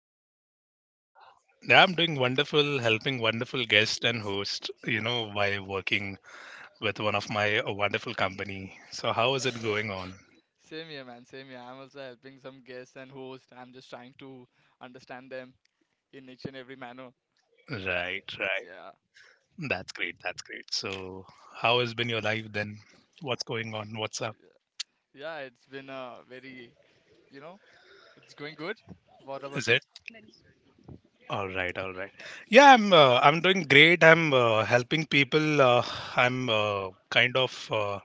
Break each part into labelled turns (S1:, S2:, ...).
S1: man. I'm good. How are you?
S2: Yeah, I'm doing wonderful, helping wonderful guest and host, you know, by working with one of my wonderful company. So how is it going on?
S1: Same here, man. Same here. I'm also helping some guests and hosts. I'm just trying to understand them in each and every manner.
S2: Right, right.
S1: Yeah.
S2: That's great, that's great. So how has been your life then? What's going on? What's up?
S1: Yeah, Yeah, it's been a very, you know, it's going good. What about
S2: Is
S1: you?
S2: it? All right, all right. Yeah, I'm doing great. I'm helping people. I'm Kind of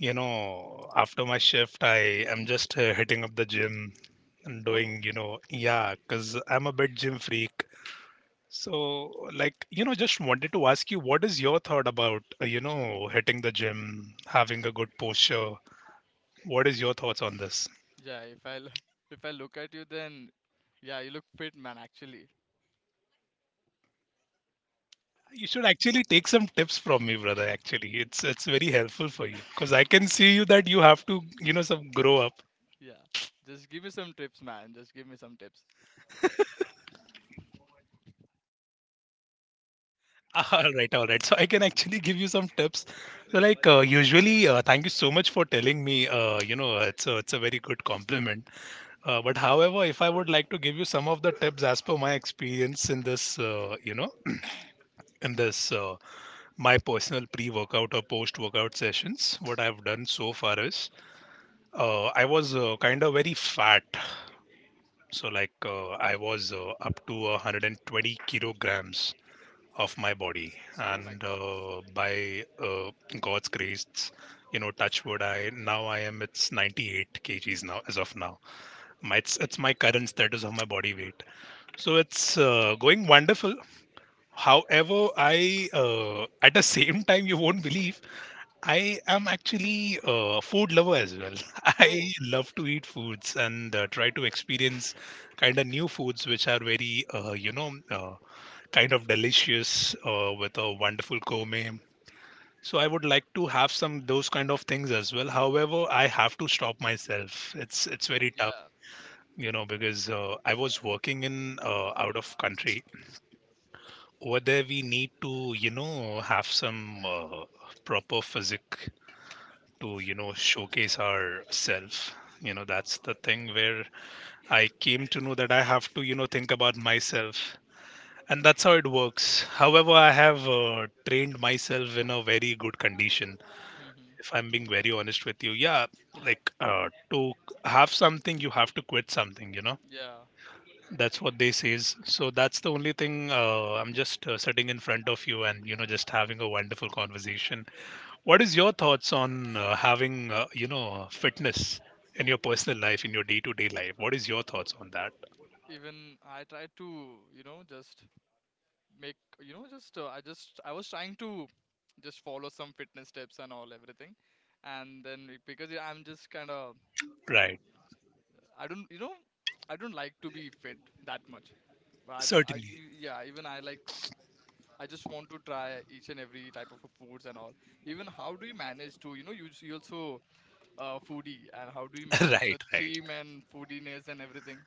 S2: you know, after my shift, I am just hitting up the gym and
S1: Oh,
S2: doing, you know, yeah, because I'm a bit gym freak. So, like, you know, just wanted to ask you, what is your thought about, you know, hitting the gym, having a good posture? What is your thoughts on this?
S1: yeah. If I l- If I look at you, then yeah, you look fit, man. Actually,
S2: You should actually take some tips from me, brother. Actually, it's very helpful for you because I can see you that you have to, you know, some grow up.
S1: yeah. Just give me some tips, man. Just give me some tips.
S2: All right, all right. So I can actually give you some tips. So like usually, thank you so much for telling me. You know, it's a very good compliment. But however, if I would like to give you some of the tips as per my experience in this, you know, in this my personal pre-workout or post-workout sessions, what I've done so far is I was kind of very fat. So like I was up to 120 kilograms of my body
S1: Oh my
S2: and
S1: God.
S2: by god's grace, you know, touch wood, I am, it's 98 kgs now as of now. It's my current status of my body weight. So it's going wonderful. However, I at the same time, you won't believe, I am actually a food lover as well. I
S1: Oh,
S2: love to eat foods and try to experience kind of new foods which are very kind of delicious with a wonderful gourmet. So I would like to have some those kind of things as well. However, I have to stop myself. It's very tough,
S1: yeah.
S2: you know, because I was working in out of country. Over there, we need to, you know, have some proper physique to, you know, showcase our self. You know, that's the thing where I came to know that I have to, you know, think about myself, and that's how it works. However, I have trained myself in a very good condition.
S1: hmm
S2: If I'm being very honest with you, yeah, like to have something, you have to quit something. You know,
S1: Yeah.
S2: that's what they says. So that's the only thing. I'm just sitting in front of you and, you know, just having a wonderful conversation. What is your thoughts on having you know, fitness in your personal life, in your day-to-day life? What is your thoughts on that?
S1: Even I try to, just make you know just I was trying to just follow some fitness steps and all everything, and then because I'm just kind of
S2: Right,
S1: I don't I don't like to be fit that much, but I don't I
S2: certainly.
S1: e- yeah, even I just want to try each and every type of a foods and all. Even how do you manage to you also foodie? And how do you manage
S2: Right,
S1: the
S2: right.
S1: gym and foodiness and everything?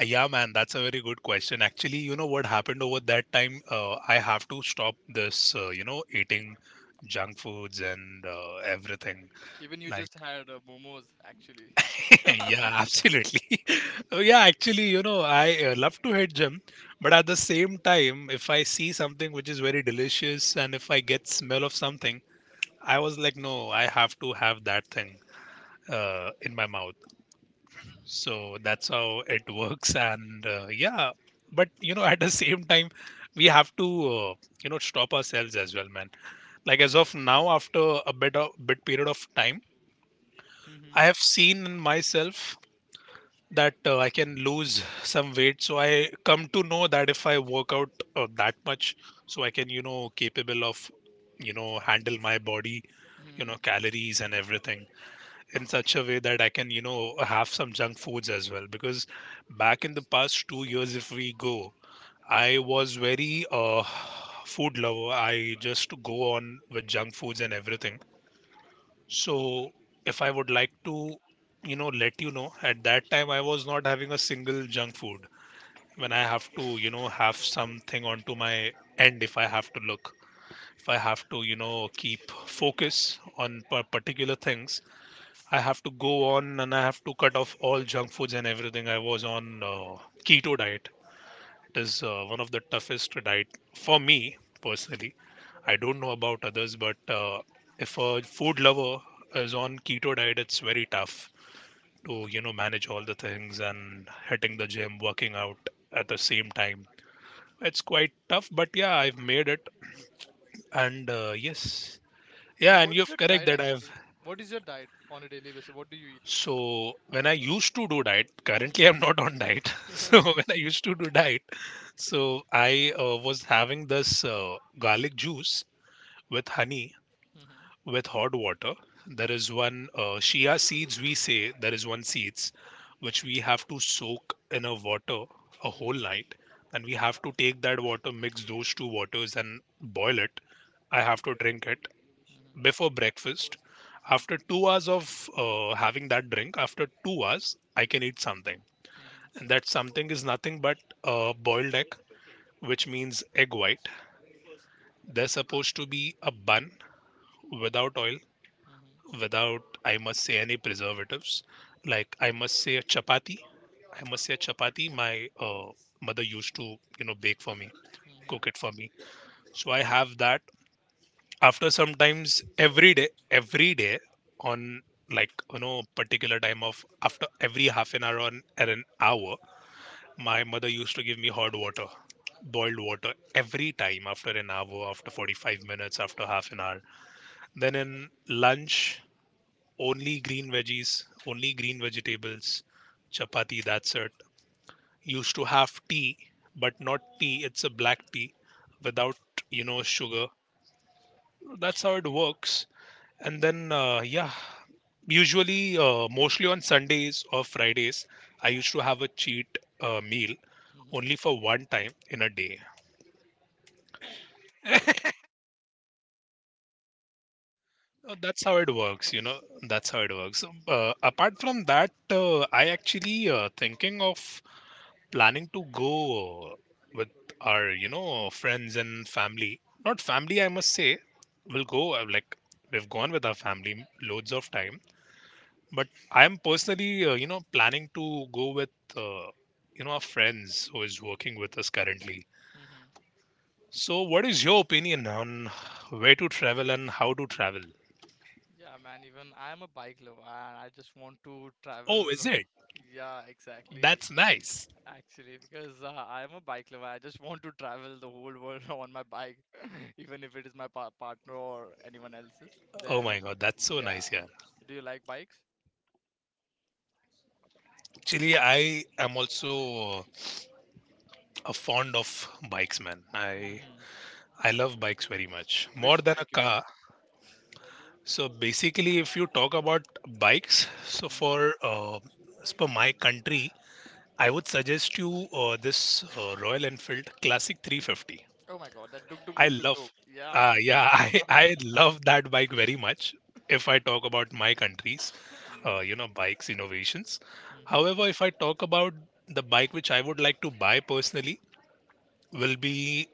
S2: Yeah, man, that's a very good question. Actually, you know what happened over that time? I have to stop this, you know, eating junk foods and everything.
S1: Even you
S2: Like,
S1: just had momos actually.
S2: yeah, absolutely. Oh, yeah, actually, you know, I love to hit gym, but at the same time, if I see something which is very delicious and if I get smell of something, I was like, no, I have to have that thing in my mouth. So that's how it works, and yeah, but you know, at the same time, we have to you know, stop ourselves as well, man. Like as of now, after a bit period of time, I have seen in myself that I can lose some weight. So I come to know that if I work out that much, so I can, you know, capable of, you know, handle my body, you
S1: Mm-hmm.
S2: know, calories and everything in such a way that I can, you know, have some junk foods as well. Because back in the past 2 years, if we go, I was very food lover. I just go on with junk foods and everything. So if I would like to, you know, let you know, at that time I was not having a single junk food. When I have to, you know, have something onto my end, if I have to look, if I have to, you know, keep focus on particular things, I have to go on and I have to cut off all junk foods and everything. I was on keto diet. It is one of the toughest diet for me personally. I don't know about others, but if a food lover is on keto diet, it's very tough to, you know, manage all the things and hitting the gym, working out at the same time. It's quite tough, but yeah, I've made it, and yes, yeah,
S1: Then
S2: and
S1: what
S2: you're
S1: is your
S2: correct
S1: diet
S2: that I've.
S1: actually? What is your diet on a daily basis? What do you eat?
S2: So when I used to do diet, currently
S1: Hmm
S2: I'm not on diet. So
S1: hmm
S2: when I used to do diet, so I was having this garlic juice with honey
S1: hmm
S2: with hot water. There is one chia seeds, we say there is one seeds which we have to soak in a water a
S1: hmm
S2: whole night, and we have to take that water, mix those two waters and boil it. I have to
S1: hmm
S2: drink it before breakfast. After 2 hours of having that drink, after 2 hours, I can eat something,
S1: hmm
S2: and that something is nothing but boiled egg, which means egg white. They're supposed to be a bun without oil,
S1: hmm
S2: without, I must say, any preservatives, like, I must say, a chapati. I must say a chapati my uh, mother used to, you know, bake for me,
S1: hmm
S2: cook it for me. So I have that after sometimes. Every day, every day on, like, you know, particular time of after every half an hour on or an hour, my mother used to give me hot water, boiled water every time after an hour, after 45 minutes, after half an hour. Then in lunch, only green veggies, only green vegetables, chapati, that's it. Used to have tea, but not tea, it's a black tea without, you know, sugar. That's how it works. And then yeah, usually mostly on sundays or fridays, I used to have a cheat meal
S1: hmm
S2: only for one time in a day. That's how it works, you know, that's how it works. Apart from that, I actually thinking of, planning to go with our, you know, friends and family, not family, I must say. We'll go like, we've gone with our family loads of time, but I'm personally you know, planning to go with you know, our friends who is working with us currently. So what is your opinion on where to travel and how to travel?
S1: Yeah, man, even I'm a bike lover and I just want to
S2: Oh,
S1: travel.
S2: is it?
S1: Yeah, exactly.
S2: That's nice.
S1: Actually, because I'm a bike lover, I just want to travel the whole world on my bike, even if it is my pa partner or anyone else's.
S2: Oh
S1: Then,
S2: my god, that's so
S1: yeah.
S2: nice. Yeah,
S1: Do you like bikes?
S2: actually, I am also uh, a fond of bikes, man. i
S1: hmm
S2: i love bikes very much, more
S1: Which
S2: than a
S1: bike you
S2: car. So basically, if you talk about bikes, so
S1: like?
S2: for uh, as per my country, I would suggest you this Royal Enfield Classic 350.
S1: Oh my god, that duk duk
S2: I
S1: duk duk
S2: love,
S1: duk. Yeah, man.
S2: yeah, I love that bike very much. If I talk about my country's,
S1: Mhm,
S2: you know, bikes innovations.
S1: mhm.
S2: However, if I talk about the bike which I would like to buy personally, will be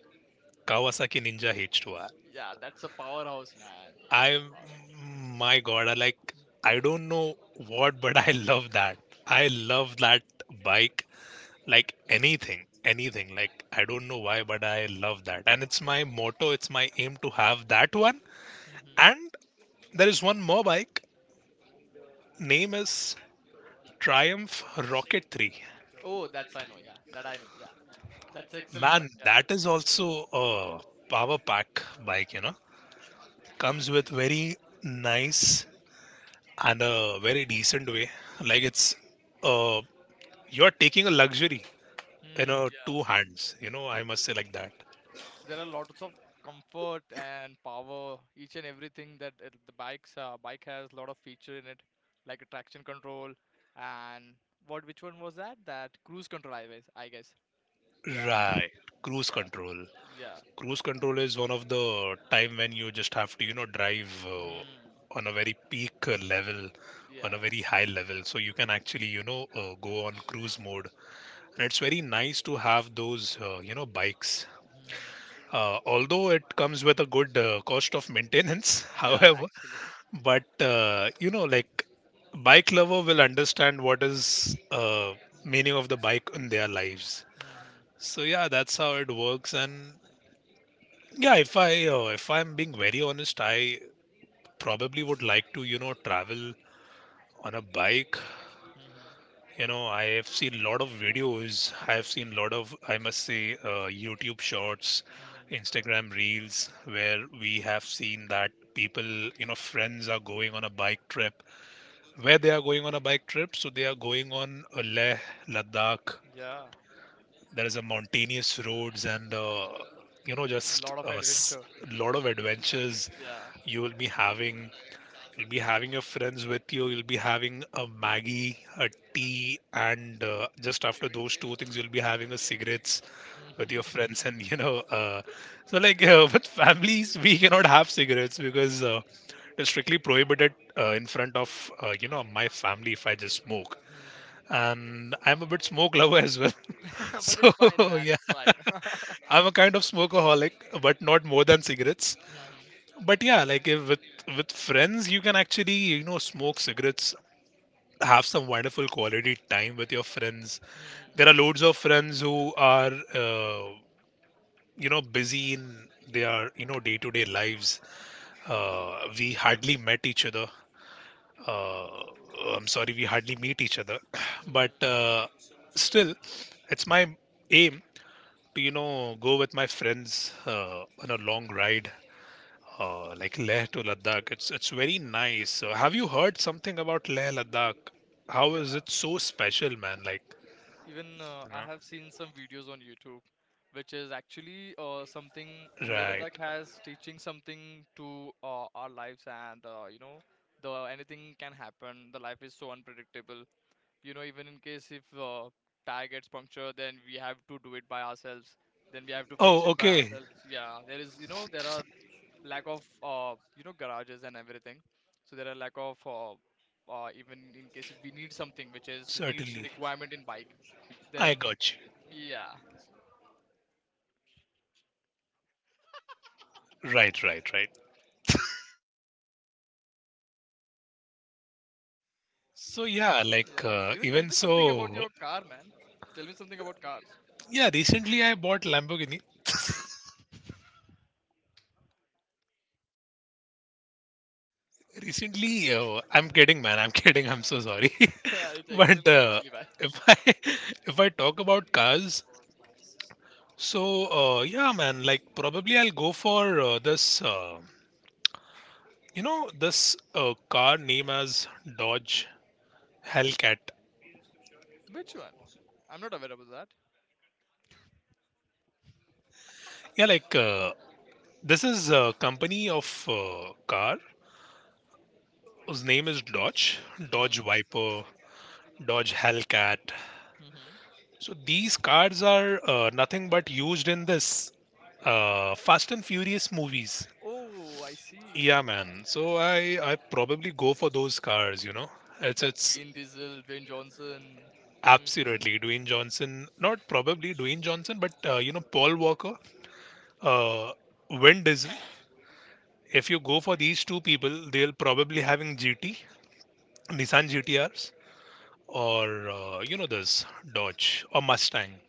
S2: Kawasaki Ninja H2R.
S1: Yeah, that's a powerhouse, man. That's a
S2: I,
S1: powerhouse.
S2: my God, I like, I don't know what, but I love that. I love that bike like anything, like, I don't know why, but I love that, and it's my motto, it's my aim to have that one.
S1: hmm
S2: And there is one more bike, name is Triumph Rocket 3,
S1: Oh, that's I know. Yeah, that I know. Yeah, that's excellent
S2: man.
S1: bike. Yeah.
S2: That is also a power pack bike, you know, comes with very nice and a very decent way, like it's uh you're taking a luxury in a
S1: Mm, yeah.
S2: two hands, you know, I must say, like that.
S1: So there are lots of comfort and power, each and everything that the bike has a lot of feature in it, like a traction control and what which one was that? That cruise control, I guess. I guess. Yeah.
S2: Right, cruise
S1: Yeah.
S2: control.
S1: Yeah.
S2: Cruise control is one of the time when you just have to, you know, drive
S1: Mm,
S2: on a very peak level, on a
S1: yeah.
S2: very high level. So you can actually, you know, go on cruise mode. And it's very nice to have those, you know, bikes.
S1: Mhm.
S2: Although it comes with a good cost of maintenance,
S1: Yeah.
S2: however,
S1: Actually.
S2: but you know, like, bike lover will understand what is meaning of the bike in their lives.
S1: hmm
S2: So yeah, that's how it works, and yeah, if I if I'm being very honest, I probably would like to, you know, travel on a bike.
S1: hmm
S2: You know, I have seen a lot of videos. I have seen a lot of I must say YouTube shorts,
S1: hmm
S2: Instagram reels where we have seen that people, friends are going on a bike trip. Where they are going on a bike trip, so they are going on a Leh Ladakh.
S1: Yeah,
S2: There is a mountainous roads and just
S1: lot of
S2: a
S1: adventure.
S2: lot of adventures
S1: Yeah.
S2: you will be having. You'll be having your friends with you. You'll be having a Maggie, a tea, and just after those two things, you'll be having a cigarettes with your friends. And with families, we cannot have cigarettes because it's strictly prohibited in front of my family if I just smoke.
S1: Mhm.
S2: And I'm a bit smoke lover as well.
S1: But
S2: so
S1: it's fine, man.
S2: yeah,
S1: It's fine.
S2: I'm a kind of smokeaholic, but not more than cigarettes.
S1: Mhm.
S2: But yeah, like if with friends you can actually smoke cigarettes, have some wonderful quality time with your friends.
S1: Mhm.
S2: There are loads of friends who are busy in their day-to-day lives. We hardly met each other, uh, I'm sorry, we hardly meet each other.
S1: Mhm.
S2: But still, it's my aim to go with my friends on a long ride. Like Leh to Ladakh, it's very nice. Have you heard something about Leh Ladakh? How is it
S1: Yeah.
S2: so special, man? Like,
S1: Even
S2: you
S1: I
S2: know,
S1: have seen some videos on YouTube, which is actually something Leh
S2: right?
S1: Ladakh has teaching something to our lives, and the anything can happen. The life is so unpredictable. You know, even in case if tire gets punctured, then we have to do it by ourselves, then we have to fix
S2: Oh,
S1: it by
S2: okay,
S1: ourselves. Yeah, there is, you know, there are lack of you know, garages and everything. So there are lack of uh, even in case if we need something which is needs
S2: certainly.
S1: requirement in bike,
S2: I
S1: then
S2: got you.
S1: yeah.
S2: Right, right, right. So yeah, like
S1: Yeah, even tell
S2: even
S1: me something
S2: so,
S1: about your car, man. Tell me something about cars.
S2: yeah. Recently, I bought Lamborghini. Recently, I'm kidding, man. I'm kidding. I'm so sorry.
S1: It's
S2: But
S1: excellent actually, man.
S2: if I if I talk about cars, so, yeah, man, like probably I'll go for this, you know, this car name as Dodge Hellcat.
S1: Which one? I'm not aware about that.
S2: Yeah, like this is a company of car whose name is Dodge, Dodge
S1: hmm
S2: Viper, Dodge Hellcat.
S1: hmm hmm.
S2: So these cars are nothing but used in this Fast and Furious movies.
S1: Oh, I see.
S2: Yeah, man. So I probably go for those cars. You know,
S1: That
S2: it's
S1: Vin Diesel, Dwayne Johnson. Mm.
S2: Absolutely, Dwayne Johnson. Not probably Dwayne Johnson, but Paul Walker, uh, Vin Diesel. If you go for these two people, they'll probably having GT, Nissan GTRs, or this Dodge or Mustang.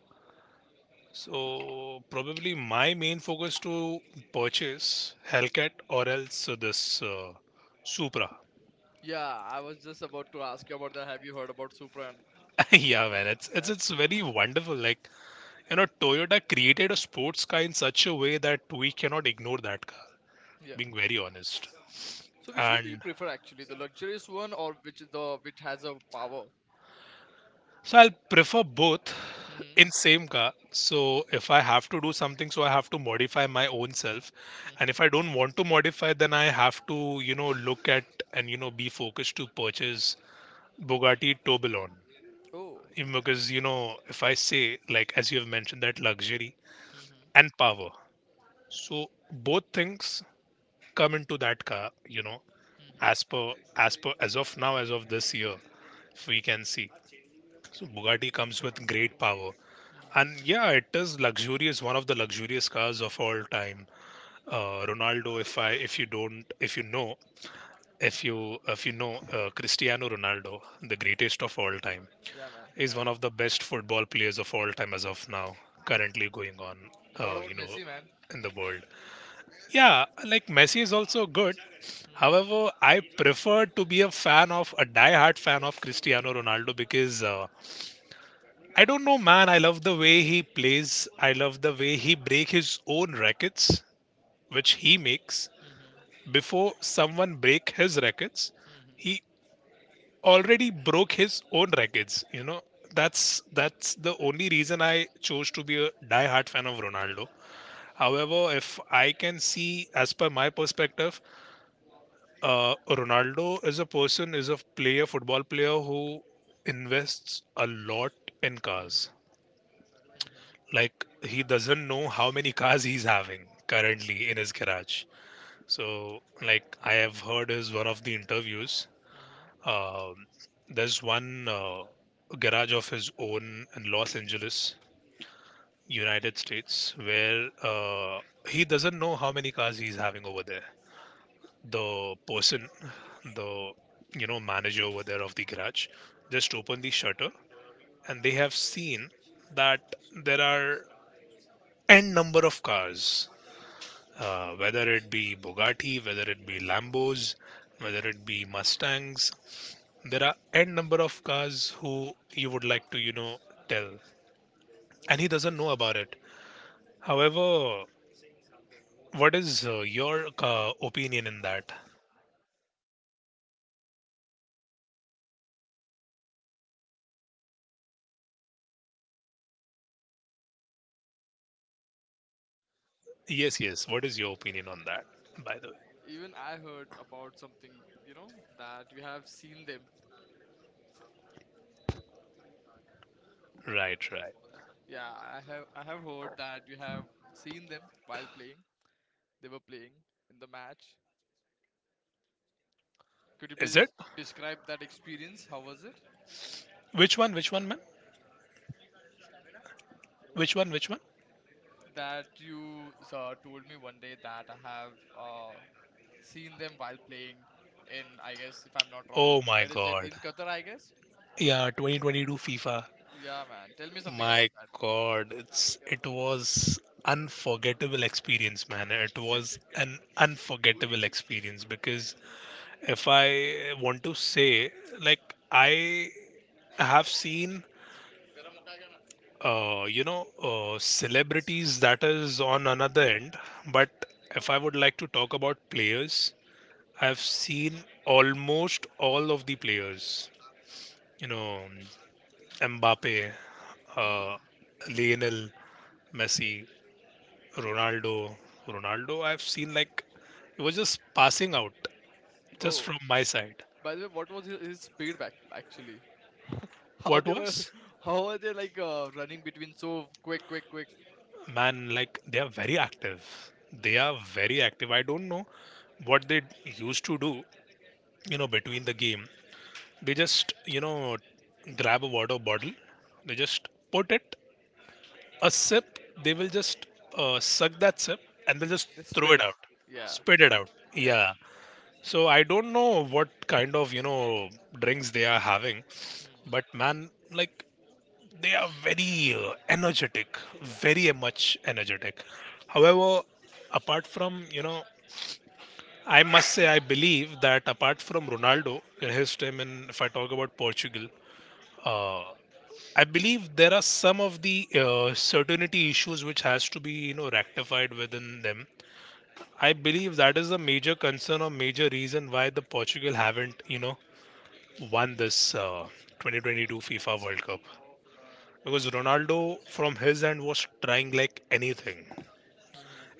S2: So probably my main focus to purchase Hellcat or else this Supra.
S1: Yeah, I was just about to ask you about that. Have you heard about Supran?
S2: Yeah, man, it's
S1: Actually,
S2: very wonderful. Like you know, Toyota created a sports car in such a way that we cannot ignore that car.
S1: yeah.
S2: Being very honest.
S1: So which one do you
S2: And
S1: prefer actually, the luxurious one or which is the which has a power?
S2: so I'll prefer both
S1: Mm-hmm.
S2: in same car. So if I have to do something, so I have to modify my own self. And
S1: Mm-hmm.
S2: if I don't want to modify, then I have to, you know, look at and, you know, be focused to purchase Bugatti Tourbillon.
S1: Oh.
S2: Even because, you know, if I say, like, as you have mentioned, that luxury
S1: Mm-hmm.
S2: and power. So both things come into that car, you know,
S1: Mm-hmm.
S2: as of now, as of this year, if we can see. So Bugatti comes with great power.
S1: Mm.
S2: And yeah, it is luxurious, one of the luxurious cars of all time. Ronaldo, if you know, if you know, Cristiano Ronaldo, the greatest of all time,
S1: Yeah, man.
S2: is
S1: I
S2: one
S1: know.
S2: of the best football players of all time as of now, currently going on,
S1: What
S2: uh, you
S1: about
S2: know,
S1: Messi, man?
S2: in the world. Yeah, like Messi is also good.
S1: Mm-hmm.
S2: However, I prefer to be a fan of a die-hard fan of Cristiano Ronaldo because I don't know, man. I love the way he plays. I love the way he break his own rackets, which he makes.
S1: Mm-hmm.
S2: Before someone break his rackets,
S1: Mm-hmm.
S2: he already broke his own rackets. You know, that's the only reason I chose to be a die-hard fan of Ronaldo. However, if I can see, as per my perspective, Ronaldo is a person, is a player, football player who invests a lot in
S1: Mm-hmm.
S2: cars.
S1: Mm-hmm.
S2: Like he doesn't know how many cars he's having currently in his garage. So like I have heard is one of the interviews,
S1: Mm-hmm.
S2: um, there's one garage of his own in Los Angeles, United States, where he doesn't know how many cars he's having over there. The person, the, you know, manager over there of the garage just opened the shutter and they have seen that there are n number of cars, whether it be Bugatti, whether it be Lambos, whether it be Mustangs. There are n number of cars who you would like to, you know, tell, and he doesn't know about it. However, what is your opinion in that? Yes, yes. What is your opinion on that, by the way?
S1: Even I heard about something, you know, that we have seen them.
S2: Right, right.
S1: Yeah, I have, I have heard that you have seen them while playing. They were playing in the match. Could you
S2: Is
S1: please
S2: it?
S1: describe that experience? How was it?
S2: Which one? Which one, man? Which one? Which one?
S1: That you told me one day that I have uh, seen them while playing in, I guess, if I'm not wrong,
S2: Oh my
S1: where is it?
S2: God.
S1: In Qatar, I guess?
S2: Yeah, 2022 FIFA.
S1: Yeah, man. Tell me something about
S2: My
S1: that.
S2: God,
S1: हाँ, बोल,
S2: it's
S1: क्या
S2: it was unforgettable experience, man. It was an unforgettable experience because if I want to say, like I have seen, celebrities that is on another end, but if I would like to talk about players, I've seen almost all of the players. You know, Mbappe,
S1: बोल। Hmm.
S2: uh, Lionel Messi, Ronaldo, Ronaldo, I've seen like it was just passing out just
S1: Oh,
S2: from my side.
S1: by the way, what was his speed back actually? How
S2: What
S1: they were,
S2: was?
S1: how are they like running between so quick, quick, quick?
S2: Man, like they are very active. They are
S1: Hmm.
S2: very active. I don't know what they used to do, you know, between the game. They just, you know, grab a water bottle, they just put it, a sip, they will just suck that sip and they'll
S1: Mm.
S2: just
S1: They
S2: throw
S1: spit
S2: it
S1: it.
S2: out,
S1: Yeah.
S2: spit it out.
S1: Yeah.
S2: Yeah. So I don't know what kind of, you know, drinks they are having,
S1: Hmm.
S2: but man, like they are very energetic, very much energetic. However, apart from, you know, I must say I believe that apart from Ronaldo in his time in if I talk about Portugal, uh, I believe there are some of the certainty issues which has to be, you know, rectified within them. I believe that is a major concern or major reason why the Portugal haven't, you know, won this 2022 FIFA World Cup because Ronaldo from his end was trying like anything.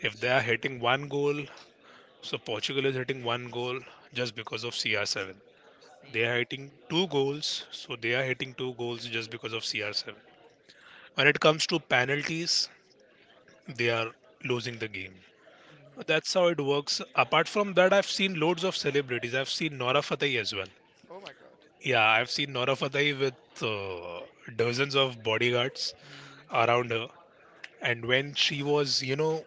S2: If they are hitting one goal, so Portugal is hitting one goal just because of CR7. They
S1: Hmm.
S2: are hitting two goals, so they are hitting two goals just because of CR7. When it comes to penalties, they are losing the game.
S1: hmm hmm
S2: That's how it works. Apart from that, I've seen loads of celebrities. I've seen Nora Fatehi as well.
S1: Oh my god.
S2: Yeah, I've seen Nora Fatehi with dozens of bodyguards
S1: hmm
S2: around her, and when she was, you know,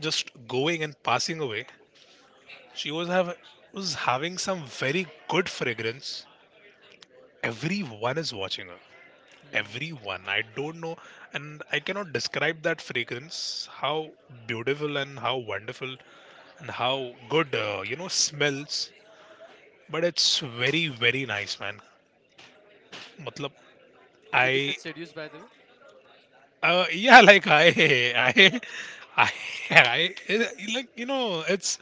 S2: just going and passing away, she was having some very good fragrance. Everyone is watching her,
S1: hmm
S2: everyone, I don't know, and I cannot describe that fragrance, how beautiful and how wonderful and how good, smells. But it's very very nice, man. Matlab,
S1: Did you
S2: I
S1: get seduced by the way?
S2: Yeah, like I, I, I, like you know,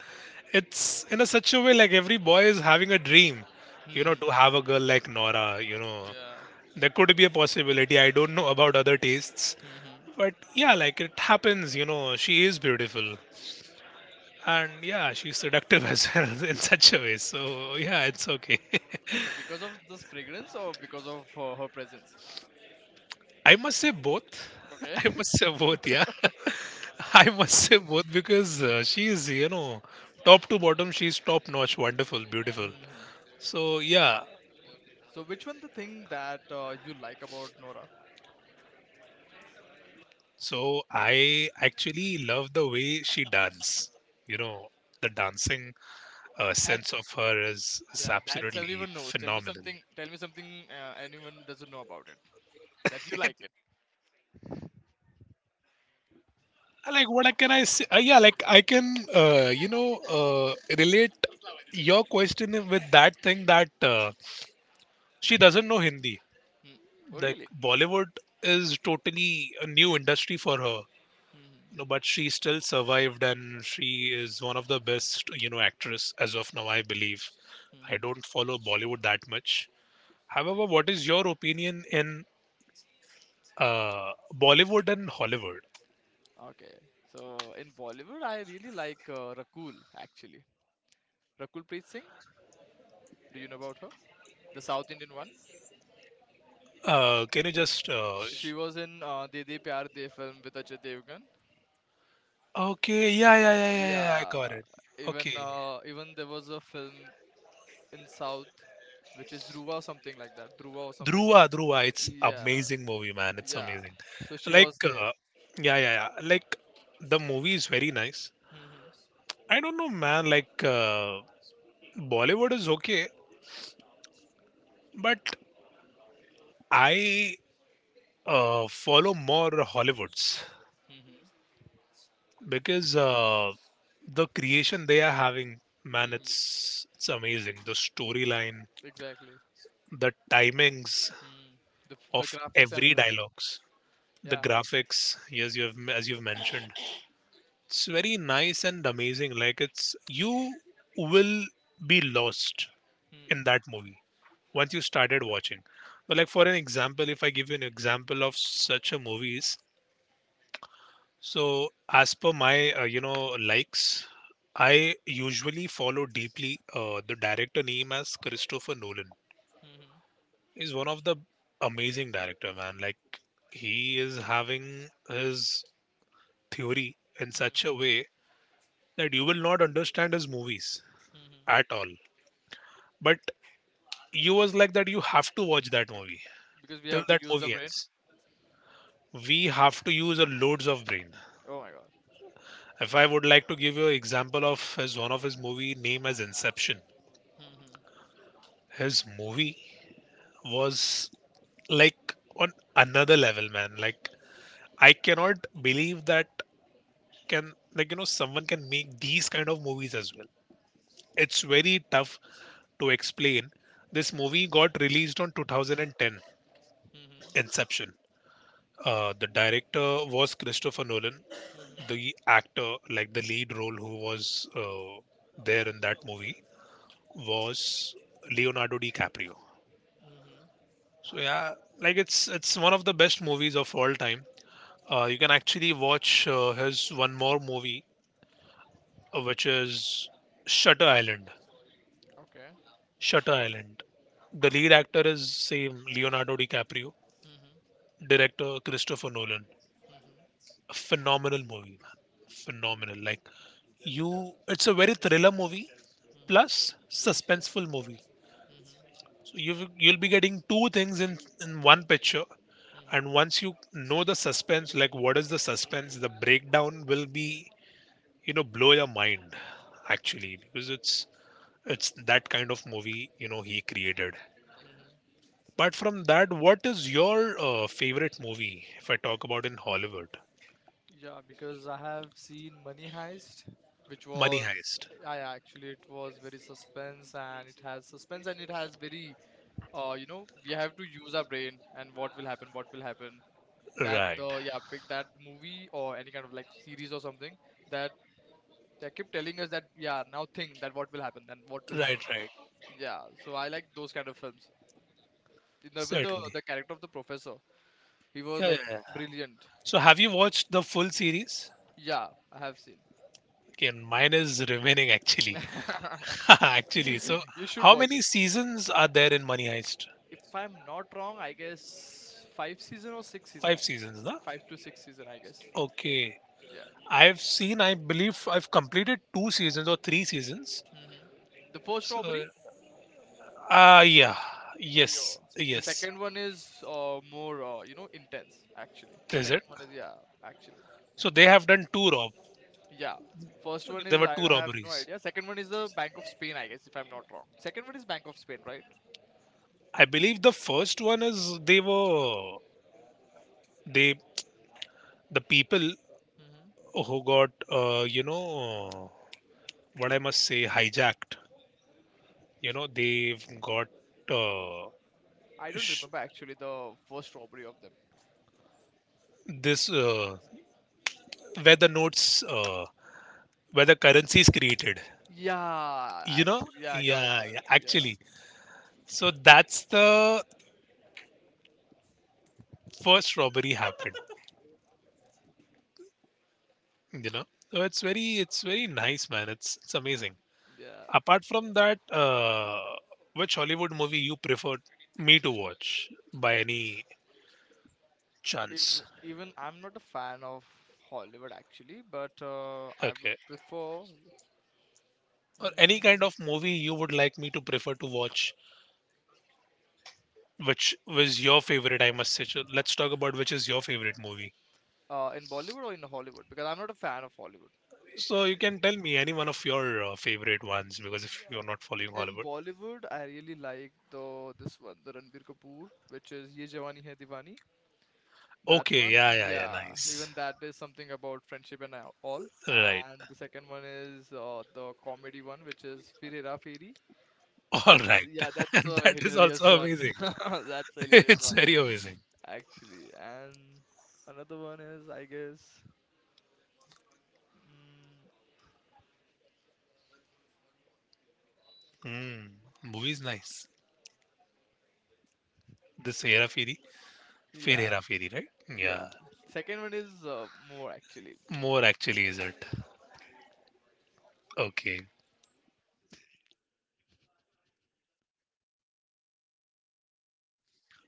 S2: it's in a such a way like every boy is having a dream, you know,
S1: hmm
S2: to have a girl like Nora. You know,
S1: Yeah.
S2: there could be a possibility. I don't know about other tastes,
S1: Mm-hmm.
S2: but yeah, like it happens. You know, she is beautiful, and yeah, she's seductive as well in such a way. So yeah, it's okay.
S1: Okay, because of this fragrance or because of her presence?
S2: I must say both.
S1: Okay.
S2: I must say both, yeah. I must say both because she is, you know, top to bottom, she's top notch, wonderful, beautiful.
S1: Mm-hmm.
S2: So, yeah.
S1: So which one the thing that you like about Nora?
S2: So, I actually love the way she dances. You know, the dancing
S1: That
S2: sense of her is
S1: yeah, that's
S2: absolutely
S1: everyone knows. Tell me
S2: phenomenal.
S1: something. Tell me something anyone doesn't know about it that you like it.
S2: Like, what can I say? Yeah, like, I can, relate your question with that thing that she doesn't know Hindi.
S1: Hmm. Oh
S2: Like
S1: really?
S2: Bollywood is totally a new industry for her,
S1: Hmm.
S2: you know, but she still survived and she is one of the best, you know, actress as of now, I believe. I
S1: hmm
S2: don't follow Bollywood that much. However, what is your opinion in Bollywood and Hollywood?
S1: Okay. So in Bollywood, I really like Rakul actually. Rakul Preet Singh. Do you know about her? The South Indian one.
S2: Can you just
S1: She was in De De Pyar De film with Ajay Devgan.
S2: okay, yeah, yeah, yeah, yeah, yeah, I got
S1: Yeah.
S2: it.
S1: Even
S2: Okay,
S1: uh, even there was a film in South, which is Dhruva or something like that. Dhruva or something.
S2: Dhruva, Dhruva, it's
S1: Yeah.
S2: amazing movie, man. It's
S1: Yeah.
S2: amazing.
S1: So she
S2: Like,
S1: was there.
S2: yeah, yeah, yeah. Like the movie is very nice.
S1: Mhm.
S2: I don't know, man. Like Bollywood is okay, but I follow more Hollywoods
S1: Mhm.
S2: because the creation they are having, man,
S1: Mhm.
S2: it's amazing. The storyline,
S1: Exactly.
S2: the timings
S1: Mm. The
S2: of
S1: graphics and
S2: every
S1: everything.
S2: dialogues, the
S1: Yeah.
S2: graphics. Yes, you have as you've mentioned, it's very nice and amazing. Like it's you will be lost
S1: Hmm.
S2: in that movie once you started watching. So, like for an example, if I give you an example of such a movies, so as per my likes, I usually follow deeply the director name as Christopher Nolan.
S1: Mhm.
S2: He's one of the amazing director, man. Like he is having his theory in
S1: Hmm.
S2: such a way that you will not understand his movies
S1: Mhm.
S2: at all. But you was like that you have to watch that movie
S1: Because we
S2: till
S1: have to
S2: that
S1: use the
S2: movie
S1: brain.
S2: ends. We have to use a loads of brain.
S1: Oh my god.
S2: If I would like to give you an example of his one of his movie name as Inception,
S1: Mhm.
S2: his movie was like on another level, man. Like I cannot believe that can like someone can make these kind of movies as well. It's very tough to explain. This movie got released on 2010,
S1: Mhm.
S2: Inception. The director was Christopher Nolan.
S1: Mhm.
S2: The actor, like the lead role, who was there in that movie, was Leonardo DiCaprio.
S1: Mhm.
S2: So yeah, like it's one of the best movies of all time. You can actually watch his one more movie, which is Shutter Island.
S1: Okay.
S2: Shutter Island. The lead actor is same Leonardo DiCaprio.
S1: Mhm.
S2: Director Christopher Nolan.
S1: Mhm.
S2: A phenomenal movie, man. Phenomenal. Like you, it's a very thriller movie
S1: Mhm.
S2: plus suspenseful movie.
S1: Mhm.
S2: You'll be getting two things in one picture,
S1: Mhm.
S2: and once you know the suspense, like what is the suspense, the breakdown will be, blow your mind actually, because it's that kind of movie he created.
S1: Mhm.
S2: But from that, what is your favorite movie if I talk about in hollywood?
S1: Yeah, because I have seen Money Heist, which
S2: Money
S1: was,
S2: Heist.
S1: I actually it was very suspense, and it has suspense and it has very, you know, we have to use our brain and what will happen, what will happen. That
S2: Right,
S1: the yeah, pick that movie or any kind of like series or something that they keep telling us that yeah, now think that what will happen and what will
S2: right,
S1: happen.
S2: right.
S1: Yeah, so I like those kind of films. And even the
S2: Certainly,
S1: character
S2: yeah,
S1: of the professor, he was
S2: yeah,
S1: like
S2: yeah.
S1: brilliant.
S2: So have you watched the full series?
S1: Yeah, I have seen.
S2: Okay, and mine is remaining actually. actually, so
S1: You should
S2: how
S1: watch
S2: many
S1: it.
S2: seasons are there in Money Heist?
S1: If I'm not wrong, I guess five season or six season. I
S2: Five
S1: guess
S2: seasons, na?
S1: five to six season. I guess.
S2: Okay.
S1: Yeah.
S2: I've seen, I believe I've completed two seasons or three seasons.
S1: hmm The first
S2: So,
S1: robbery,
S2: ah, yeah.
S1: or
S2: Yes,
S1: your the
S2: yes.
S1: second one is more intense actually.
S2: Is
S1: Second
S2: it?
S1: one is yeah, actually,
S2: So they have done two rob.
S1: yeah. First one
S2: There
S1: is
S2: were
S1: I
S2: two
S1: have no
S2: robberies.
S1: idea. Second one is the Bank of Spain, I guess, if I'm not wrong. Second one is Bank of Spain, right?
S2: I believe the first one is they were they the people
S1: hmm
S2: who got what I must say, hijacked. You know, they've got uh,
S1: I don't
S2: sh-
S1: remember actually the first robbery of them.
S2: this where the notes, where the currency is created.
S1: Yeah,
S2: You know,
S1: actually, yeah, got it,
S2: yeah,
S1: got
S2: yeah,
S1: it. Yeah,
S2: actually. So that's the first robbery happened. You know, so it's very nice, man. It's amazing.
S1: yeah.
S2: Apart from that, which Hollywood movie you prefer me to watch by any
S1: If,
S2: chance?
S1: even I'm not a fan of Hollywood actually, but I would
S2: Okay,
S1: prefer,
S2: or any kind
S1: mm,
S2: of movie you would like me to prefer to watch. Which was your favorite, I must say. So let's talk about which is your favorite movie.
S1: in Bollywood or in Hollywood because I'm not a fan of Hollywood.
S2: So you can tell me any one of your favorite ones because if you're not following
S1: Yeah. In
S2: Hollywood.
S1: Bollywood, I really like the this one, the Ranbir Kapoor, which is Ye Jawani Hai Diwani. That
S2: Okay,
S1: one,
S2: yeah, yeah, yeah,
S1: yeah,
S2: nice.
S1: even that is something about friendship and all.
S2: Right.
S1: And the second one is the comedy one, which is Fir Hera Feri.
S2: All
S1: That's
S2: right.
S1: yeah, that's a
S2: that is
S1: hilarious
S2: also
S1: one.
S2: amazing.
S1: That's a hilarious
S2: it's
S1: one,
S2: very amazing.
S1: actually. And another one is, I guess, mm,
S2: Mm, movies nice. This Hera Fairy, Fair
S1: yeah,
S2: Hera Fairy, right?
S1: yeah.
S2: Yeah.
S1: Second one is more actually, more.
S2: More actually, is it? Okay.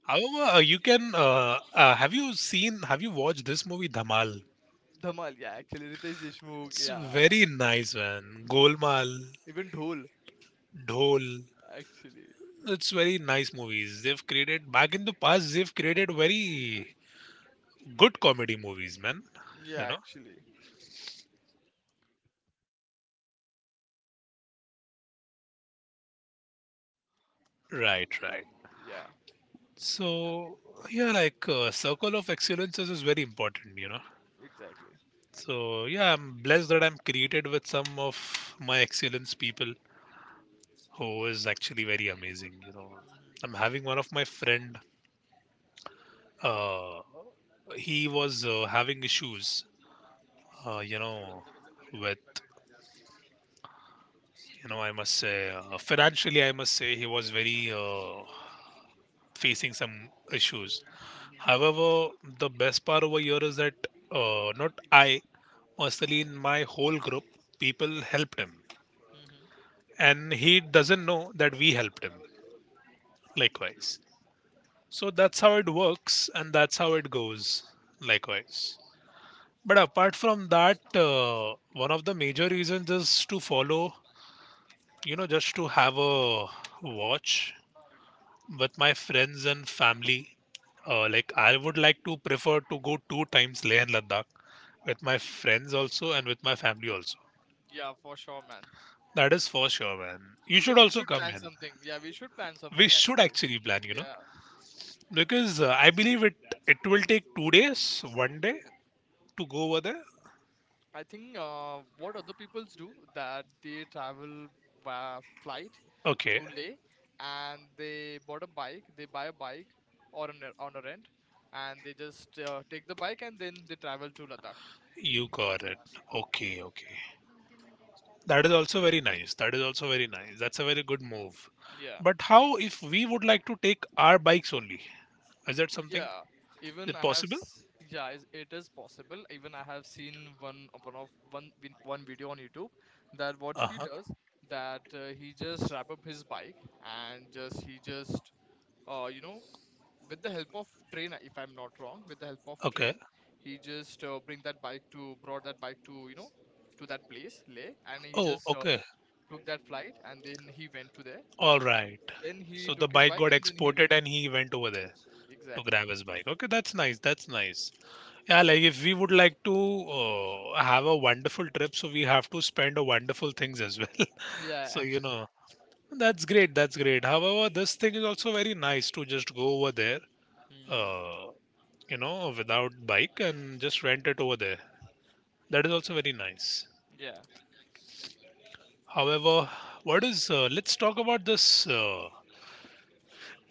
S2: However, you can. Have you seen? Have you watched this movie, Dhamal?
S1: Dhamal. Yeah, actually, Ritesh Deshmukh.
S2: It's
S1: Yeah,
S2: very nice, man. Golmaal,
S1: even Dhol,
S2: Dhol.
S1: actually.
S2: It's very nice movies. They've created back in the past. They've created very good comedy movies, man.
S1: Yeah,
S2: You know,
S1: actually.
S2: right, right.
S1: Yeah,
S2: So yeah, like circle of excellences is very important. You know.
S1: exactly.
S2: So yeah, I'm blessed that I'm created with some of my excellence people who is actually very amazing. You know,
S1: Mhm.
S2: I'm having one of my friend. Uh, he was having issues uh, you know, with I must say, financially, I must say he was very facing some issues.
S1: Mm-hmm. Mm-hmm.
S2: However, the best part over here is that not I personally in my whole group, people helped him,
S1: Mm-hmm.
S2: and he doesn't know that we helped him. Likewise, so that's how it works, and that's how it goes. Likewise. But apart from that, one of the major reasons is to follow, just to have a watch with my friends and family, like I would like to prefer to go two times Leh and Ladakh with my friends also and with my family also.
S1: Yeah, for sure, man.
S2: That is for sure, man. You
S1: Even
S2: should
S1: we
S2: also
S1: should
S2: come
S1: plan
S2: in.
S1: something. Yeah, we should plan
S2: We
S1: something
S2: should
S1: actually.
S2: actually plan,
S1: Yeah,
S2: because I believe it will take 2 days, one day to go over there.
S1: I think what other peoples do that they travel via flight
S2: Okay,
S1: to Leh, and they bought a bike, they buy a bike or an, on a rent, and they just take the bike and then they travel to Ladakh.
S2: you got it. Okay, okay. That is also very nice. That is also very nice. That's a very good move.
S1: Yeah.
S2: But how if we would like to take our bikes only? Is that something
S1: Yeah, even
S2: that
S1: I have,
S2: possible?
S1: s- yeah, it is possible. Even I have seen one of one one video on YouTube that what
S2: Uh
S1: he
S2: huh.
S1: does, that he just wrap up his bike and just he just you know, with the help of train, if I'm not wrong, with the help of
S2: Okay.
S1: train, he just bring that bike to brought that bike to, you know, to that place Leh, and he
S2: Oh,
S1: just
S2: okay.
S1: took that flight and then he went to there.
S2: All right.
S1: Then he
S2: So the
S1: took his
S2: bike
S1: bike
S2: got
S1: and then he went.
S2: exported and he went over there to
S1: Exactly.
S2: grab his bike. Okay, that's nice. That's nice. Yeah, like if we would like to have a wonderful trip, so we have to spend a wonderful things as well.
S1: Yeah,
S2: so
S1: actually.
S2: that's great. That's great. However, this thing is also very nice to just go over there,
S1: Mhm.
S2: uh, without bike and just rent it over there. That is also very nice.
S1: Yeah.
S2: However, what is? Let's talk about this.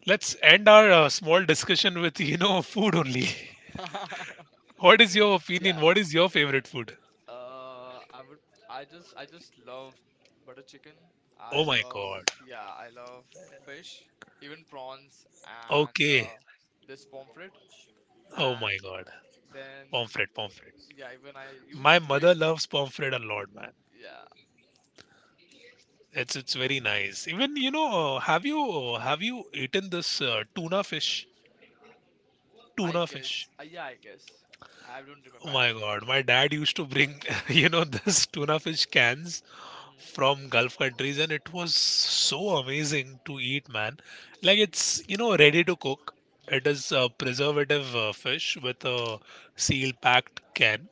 S2: Let's end our small discussion with food only. what is your
S1: Yeah.
S2: opinion? What is your favorite food?
S1: I would. I just love butter chicken. I
S2: Oh my
S1: love.
S2: god.
S1: Yeah. I love fish, even prawns, and
S2: Okay.
S1: this pomfret.
S2: Oh my
S1: And
S2: god.
S1: then,
S2: Pomfret, pomfret.
S1: yeah, even I
S2: My
S1: used to it.
S2: mother loves pomfret a lot, man.
S1: Yeah.
S2: It's very nice. Even have you eaten this tuna fish?
S1: I
S2: Tuna fish.
S1: guess. Yeah. I guess. I don't remember
S2: Oh my
S1: actually.
S2: God, my dad used to bring this tuna fish cans
S1: Mhm.
S2: from Gulf countries, and it was so amazing to eat, man. Like it's ready to cook. It
S1: Mhm.
S2: is a preservative fish with a seal-packed can.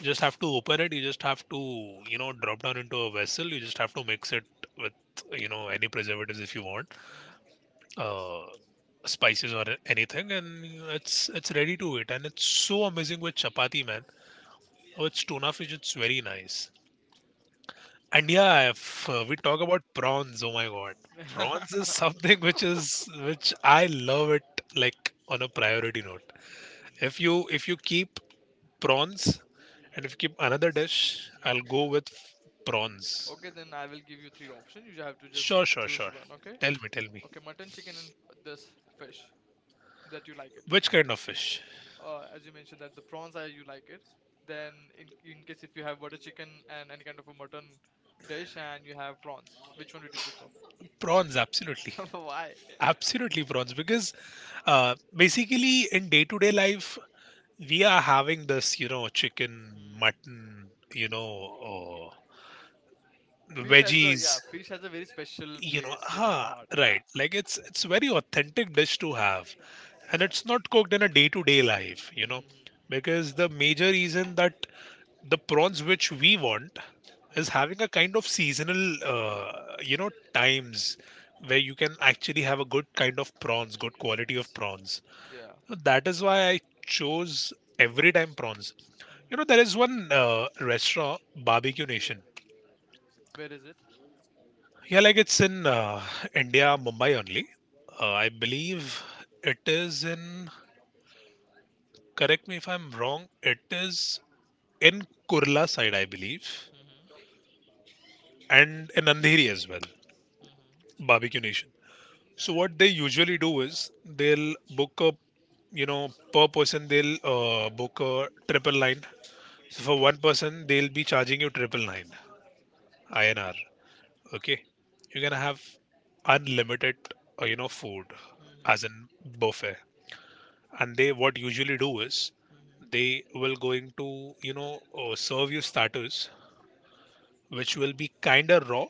S2: You just have to open it. You just have to drop down into a vessel. You just have to mix it with any preservatives if you want
S1: Mhm.
S2: uh, spices or anything, and it's ready to eat, and it's so amazing with chapati, man. With tuna fish, it's very nice. And yeah, if we talk about prawns, oh my god, prawns is something which I love it like on a priority note. If
S1: Mm,
S2: you if you keep prawns and if you
S1: mhm,
S2: keep another dish, I'll
S1: mhm.
S2: go with prawns.
S1: Okay, then I will give you three options. You have to just
S2: Sure, sure,
S1: choose
S2: sure.
S1: one. Okay.
S2: Tell me, tell me.
S1: Okay, mutton, chicken, and this fish that you like it.
S2: Which kind of fish?
S1: As you mentioned that the prawns are you like it. Then in case if you have butter chicken and any kind of a mutton dish and you have prawns, which one would you prefer?
S2: Prawns, absolutely.
S1: Why?
S2: Absolutely, Bronze, because basically in day to day life, we are having this, chicken,
S1: Hmm.
S2: mutton,
S1: Fish has a
S2: veggies,
S1: yeah, fish has a very special place in our
S2: ah,
S1: heart. Yeah,
S2: right. Like it's very authentic dish to have, and
S1: yeah.
S2: it's not cooked in a day to day life,
S1: hmm
S2: because the major reason that the prawns which we want
S1: hmm
S2: is
S1: hmm, hmm.
S2: having a kind of seasonal, times where you can actually have a good kind of prawns, good quality of prawns.
S1: Yeah.
S2: No, that is why I chose every time prawns.
S1: hmm
S2: You
S1: hmm.
S2: know, there is one restaurant, Barbecue Nation.
S1: Where is it?
S2: Yeah, like it's in India, Mumbai only. I believe it is in, correct me if I'm wrong, it is in Kurla side, I believe,
S1: Mm-hmm.
S2: and in Andheri as well,
S1: Mm-hmm.
S2: Barbecue Nation. So what they usually do is they'll book a, per person they'll book a 999. So for one person they'll be charging you 999. INR. Okay, you're gonna have unlimited, food,
S1: hmm
S2: as in buffet. And they what usually do is
S1: hmm
S2: they will going to serve you starters, which will be kinda raw,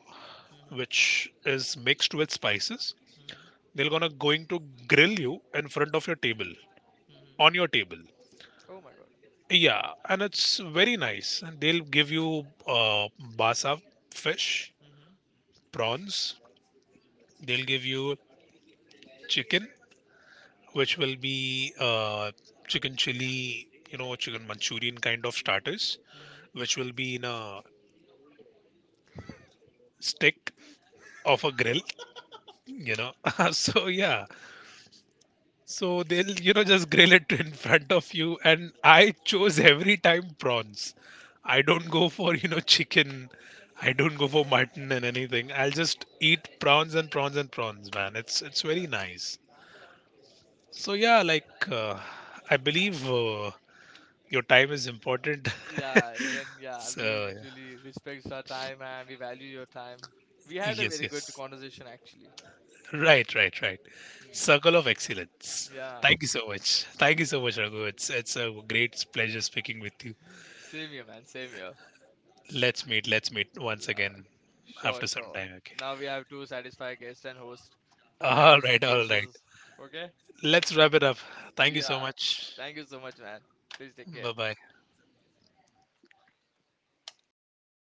S1: hmm hmm
S2: which is mixed with spices.
S1: hmm hmm, hmm,
S2: They're gonna going to grill you in
S1: hmm, hmm,
S2: front of your table,
S1: hmm, hmm.
S2: on your table.
S1: Oh my God.
S2: Yeah, and it's very nice. And they'll give you basa fish,
S1: Mm-hmm.
S2: prawns. They'll give you chicken which will be chicken chili, chicken Manchurian kind of starters, which will be in a stick of a grill, you know. so yeah, so they'll just grill it in front of you, and I chose every time prawns. I don't go for chicken. I don't go for mutton and anything. I'll just eat prawns and prawns and prawns, man. It's very
S1: mm
S2: nice. So yeah, like I believe your time is important.
S1: Yeah, even yeah, we
S2: So,
S1: usually respect our time and we value your time. We
S2: yeah.
S1: had a
S2: Yes,
S1: very
S2: yes.
S1: good conversation actually.
S2: Right, right, right.
S1: Hmm.
S2: Circle of Excellence.
S1: Yeah,
S2: Thank you so much. Thank you so much, Raghu. It's a great pleasure speaking with you.
S1: same here, man. Same here.
S2: Let's meet. Let's meet once
S1: La-
S2: again
S1: Sure,
S2: after some
S1: sure.
S2: time. Okay.
S1: Now we have to satisfy guest and host to handle
S2: All
S1: some
S2: right, all right.
S1: cases. Okay?
S2: Let's wrap it up. Thank you so
S1: Yeah.
S2: much.
S1: Thank you so much, man. Please take care.
S2: Bye bye.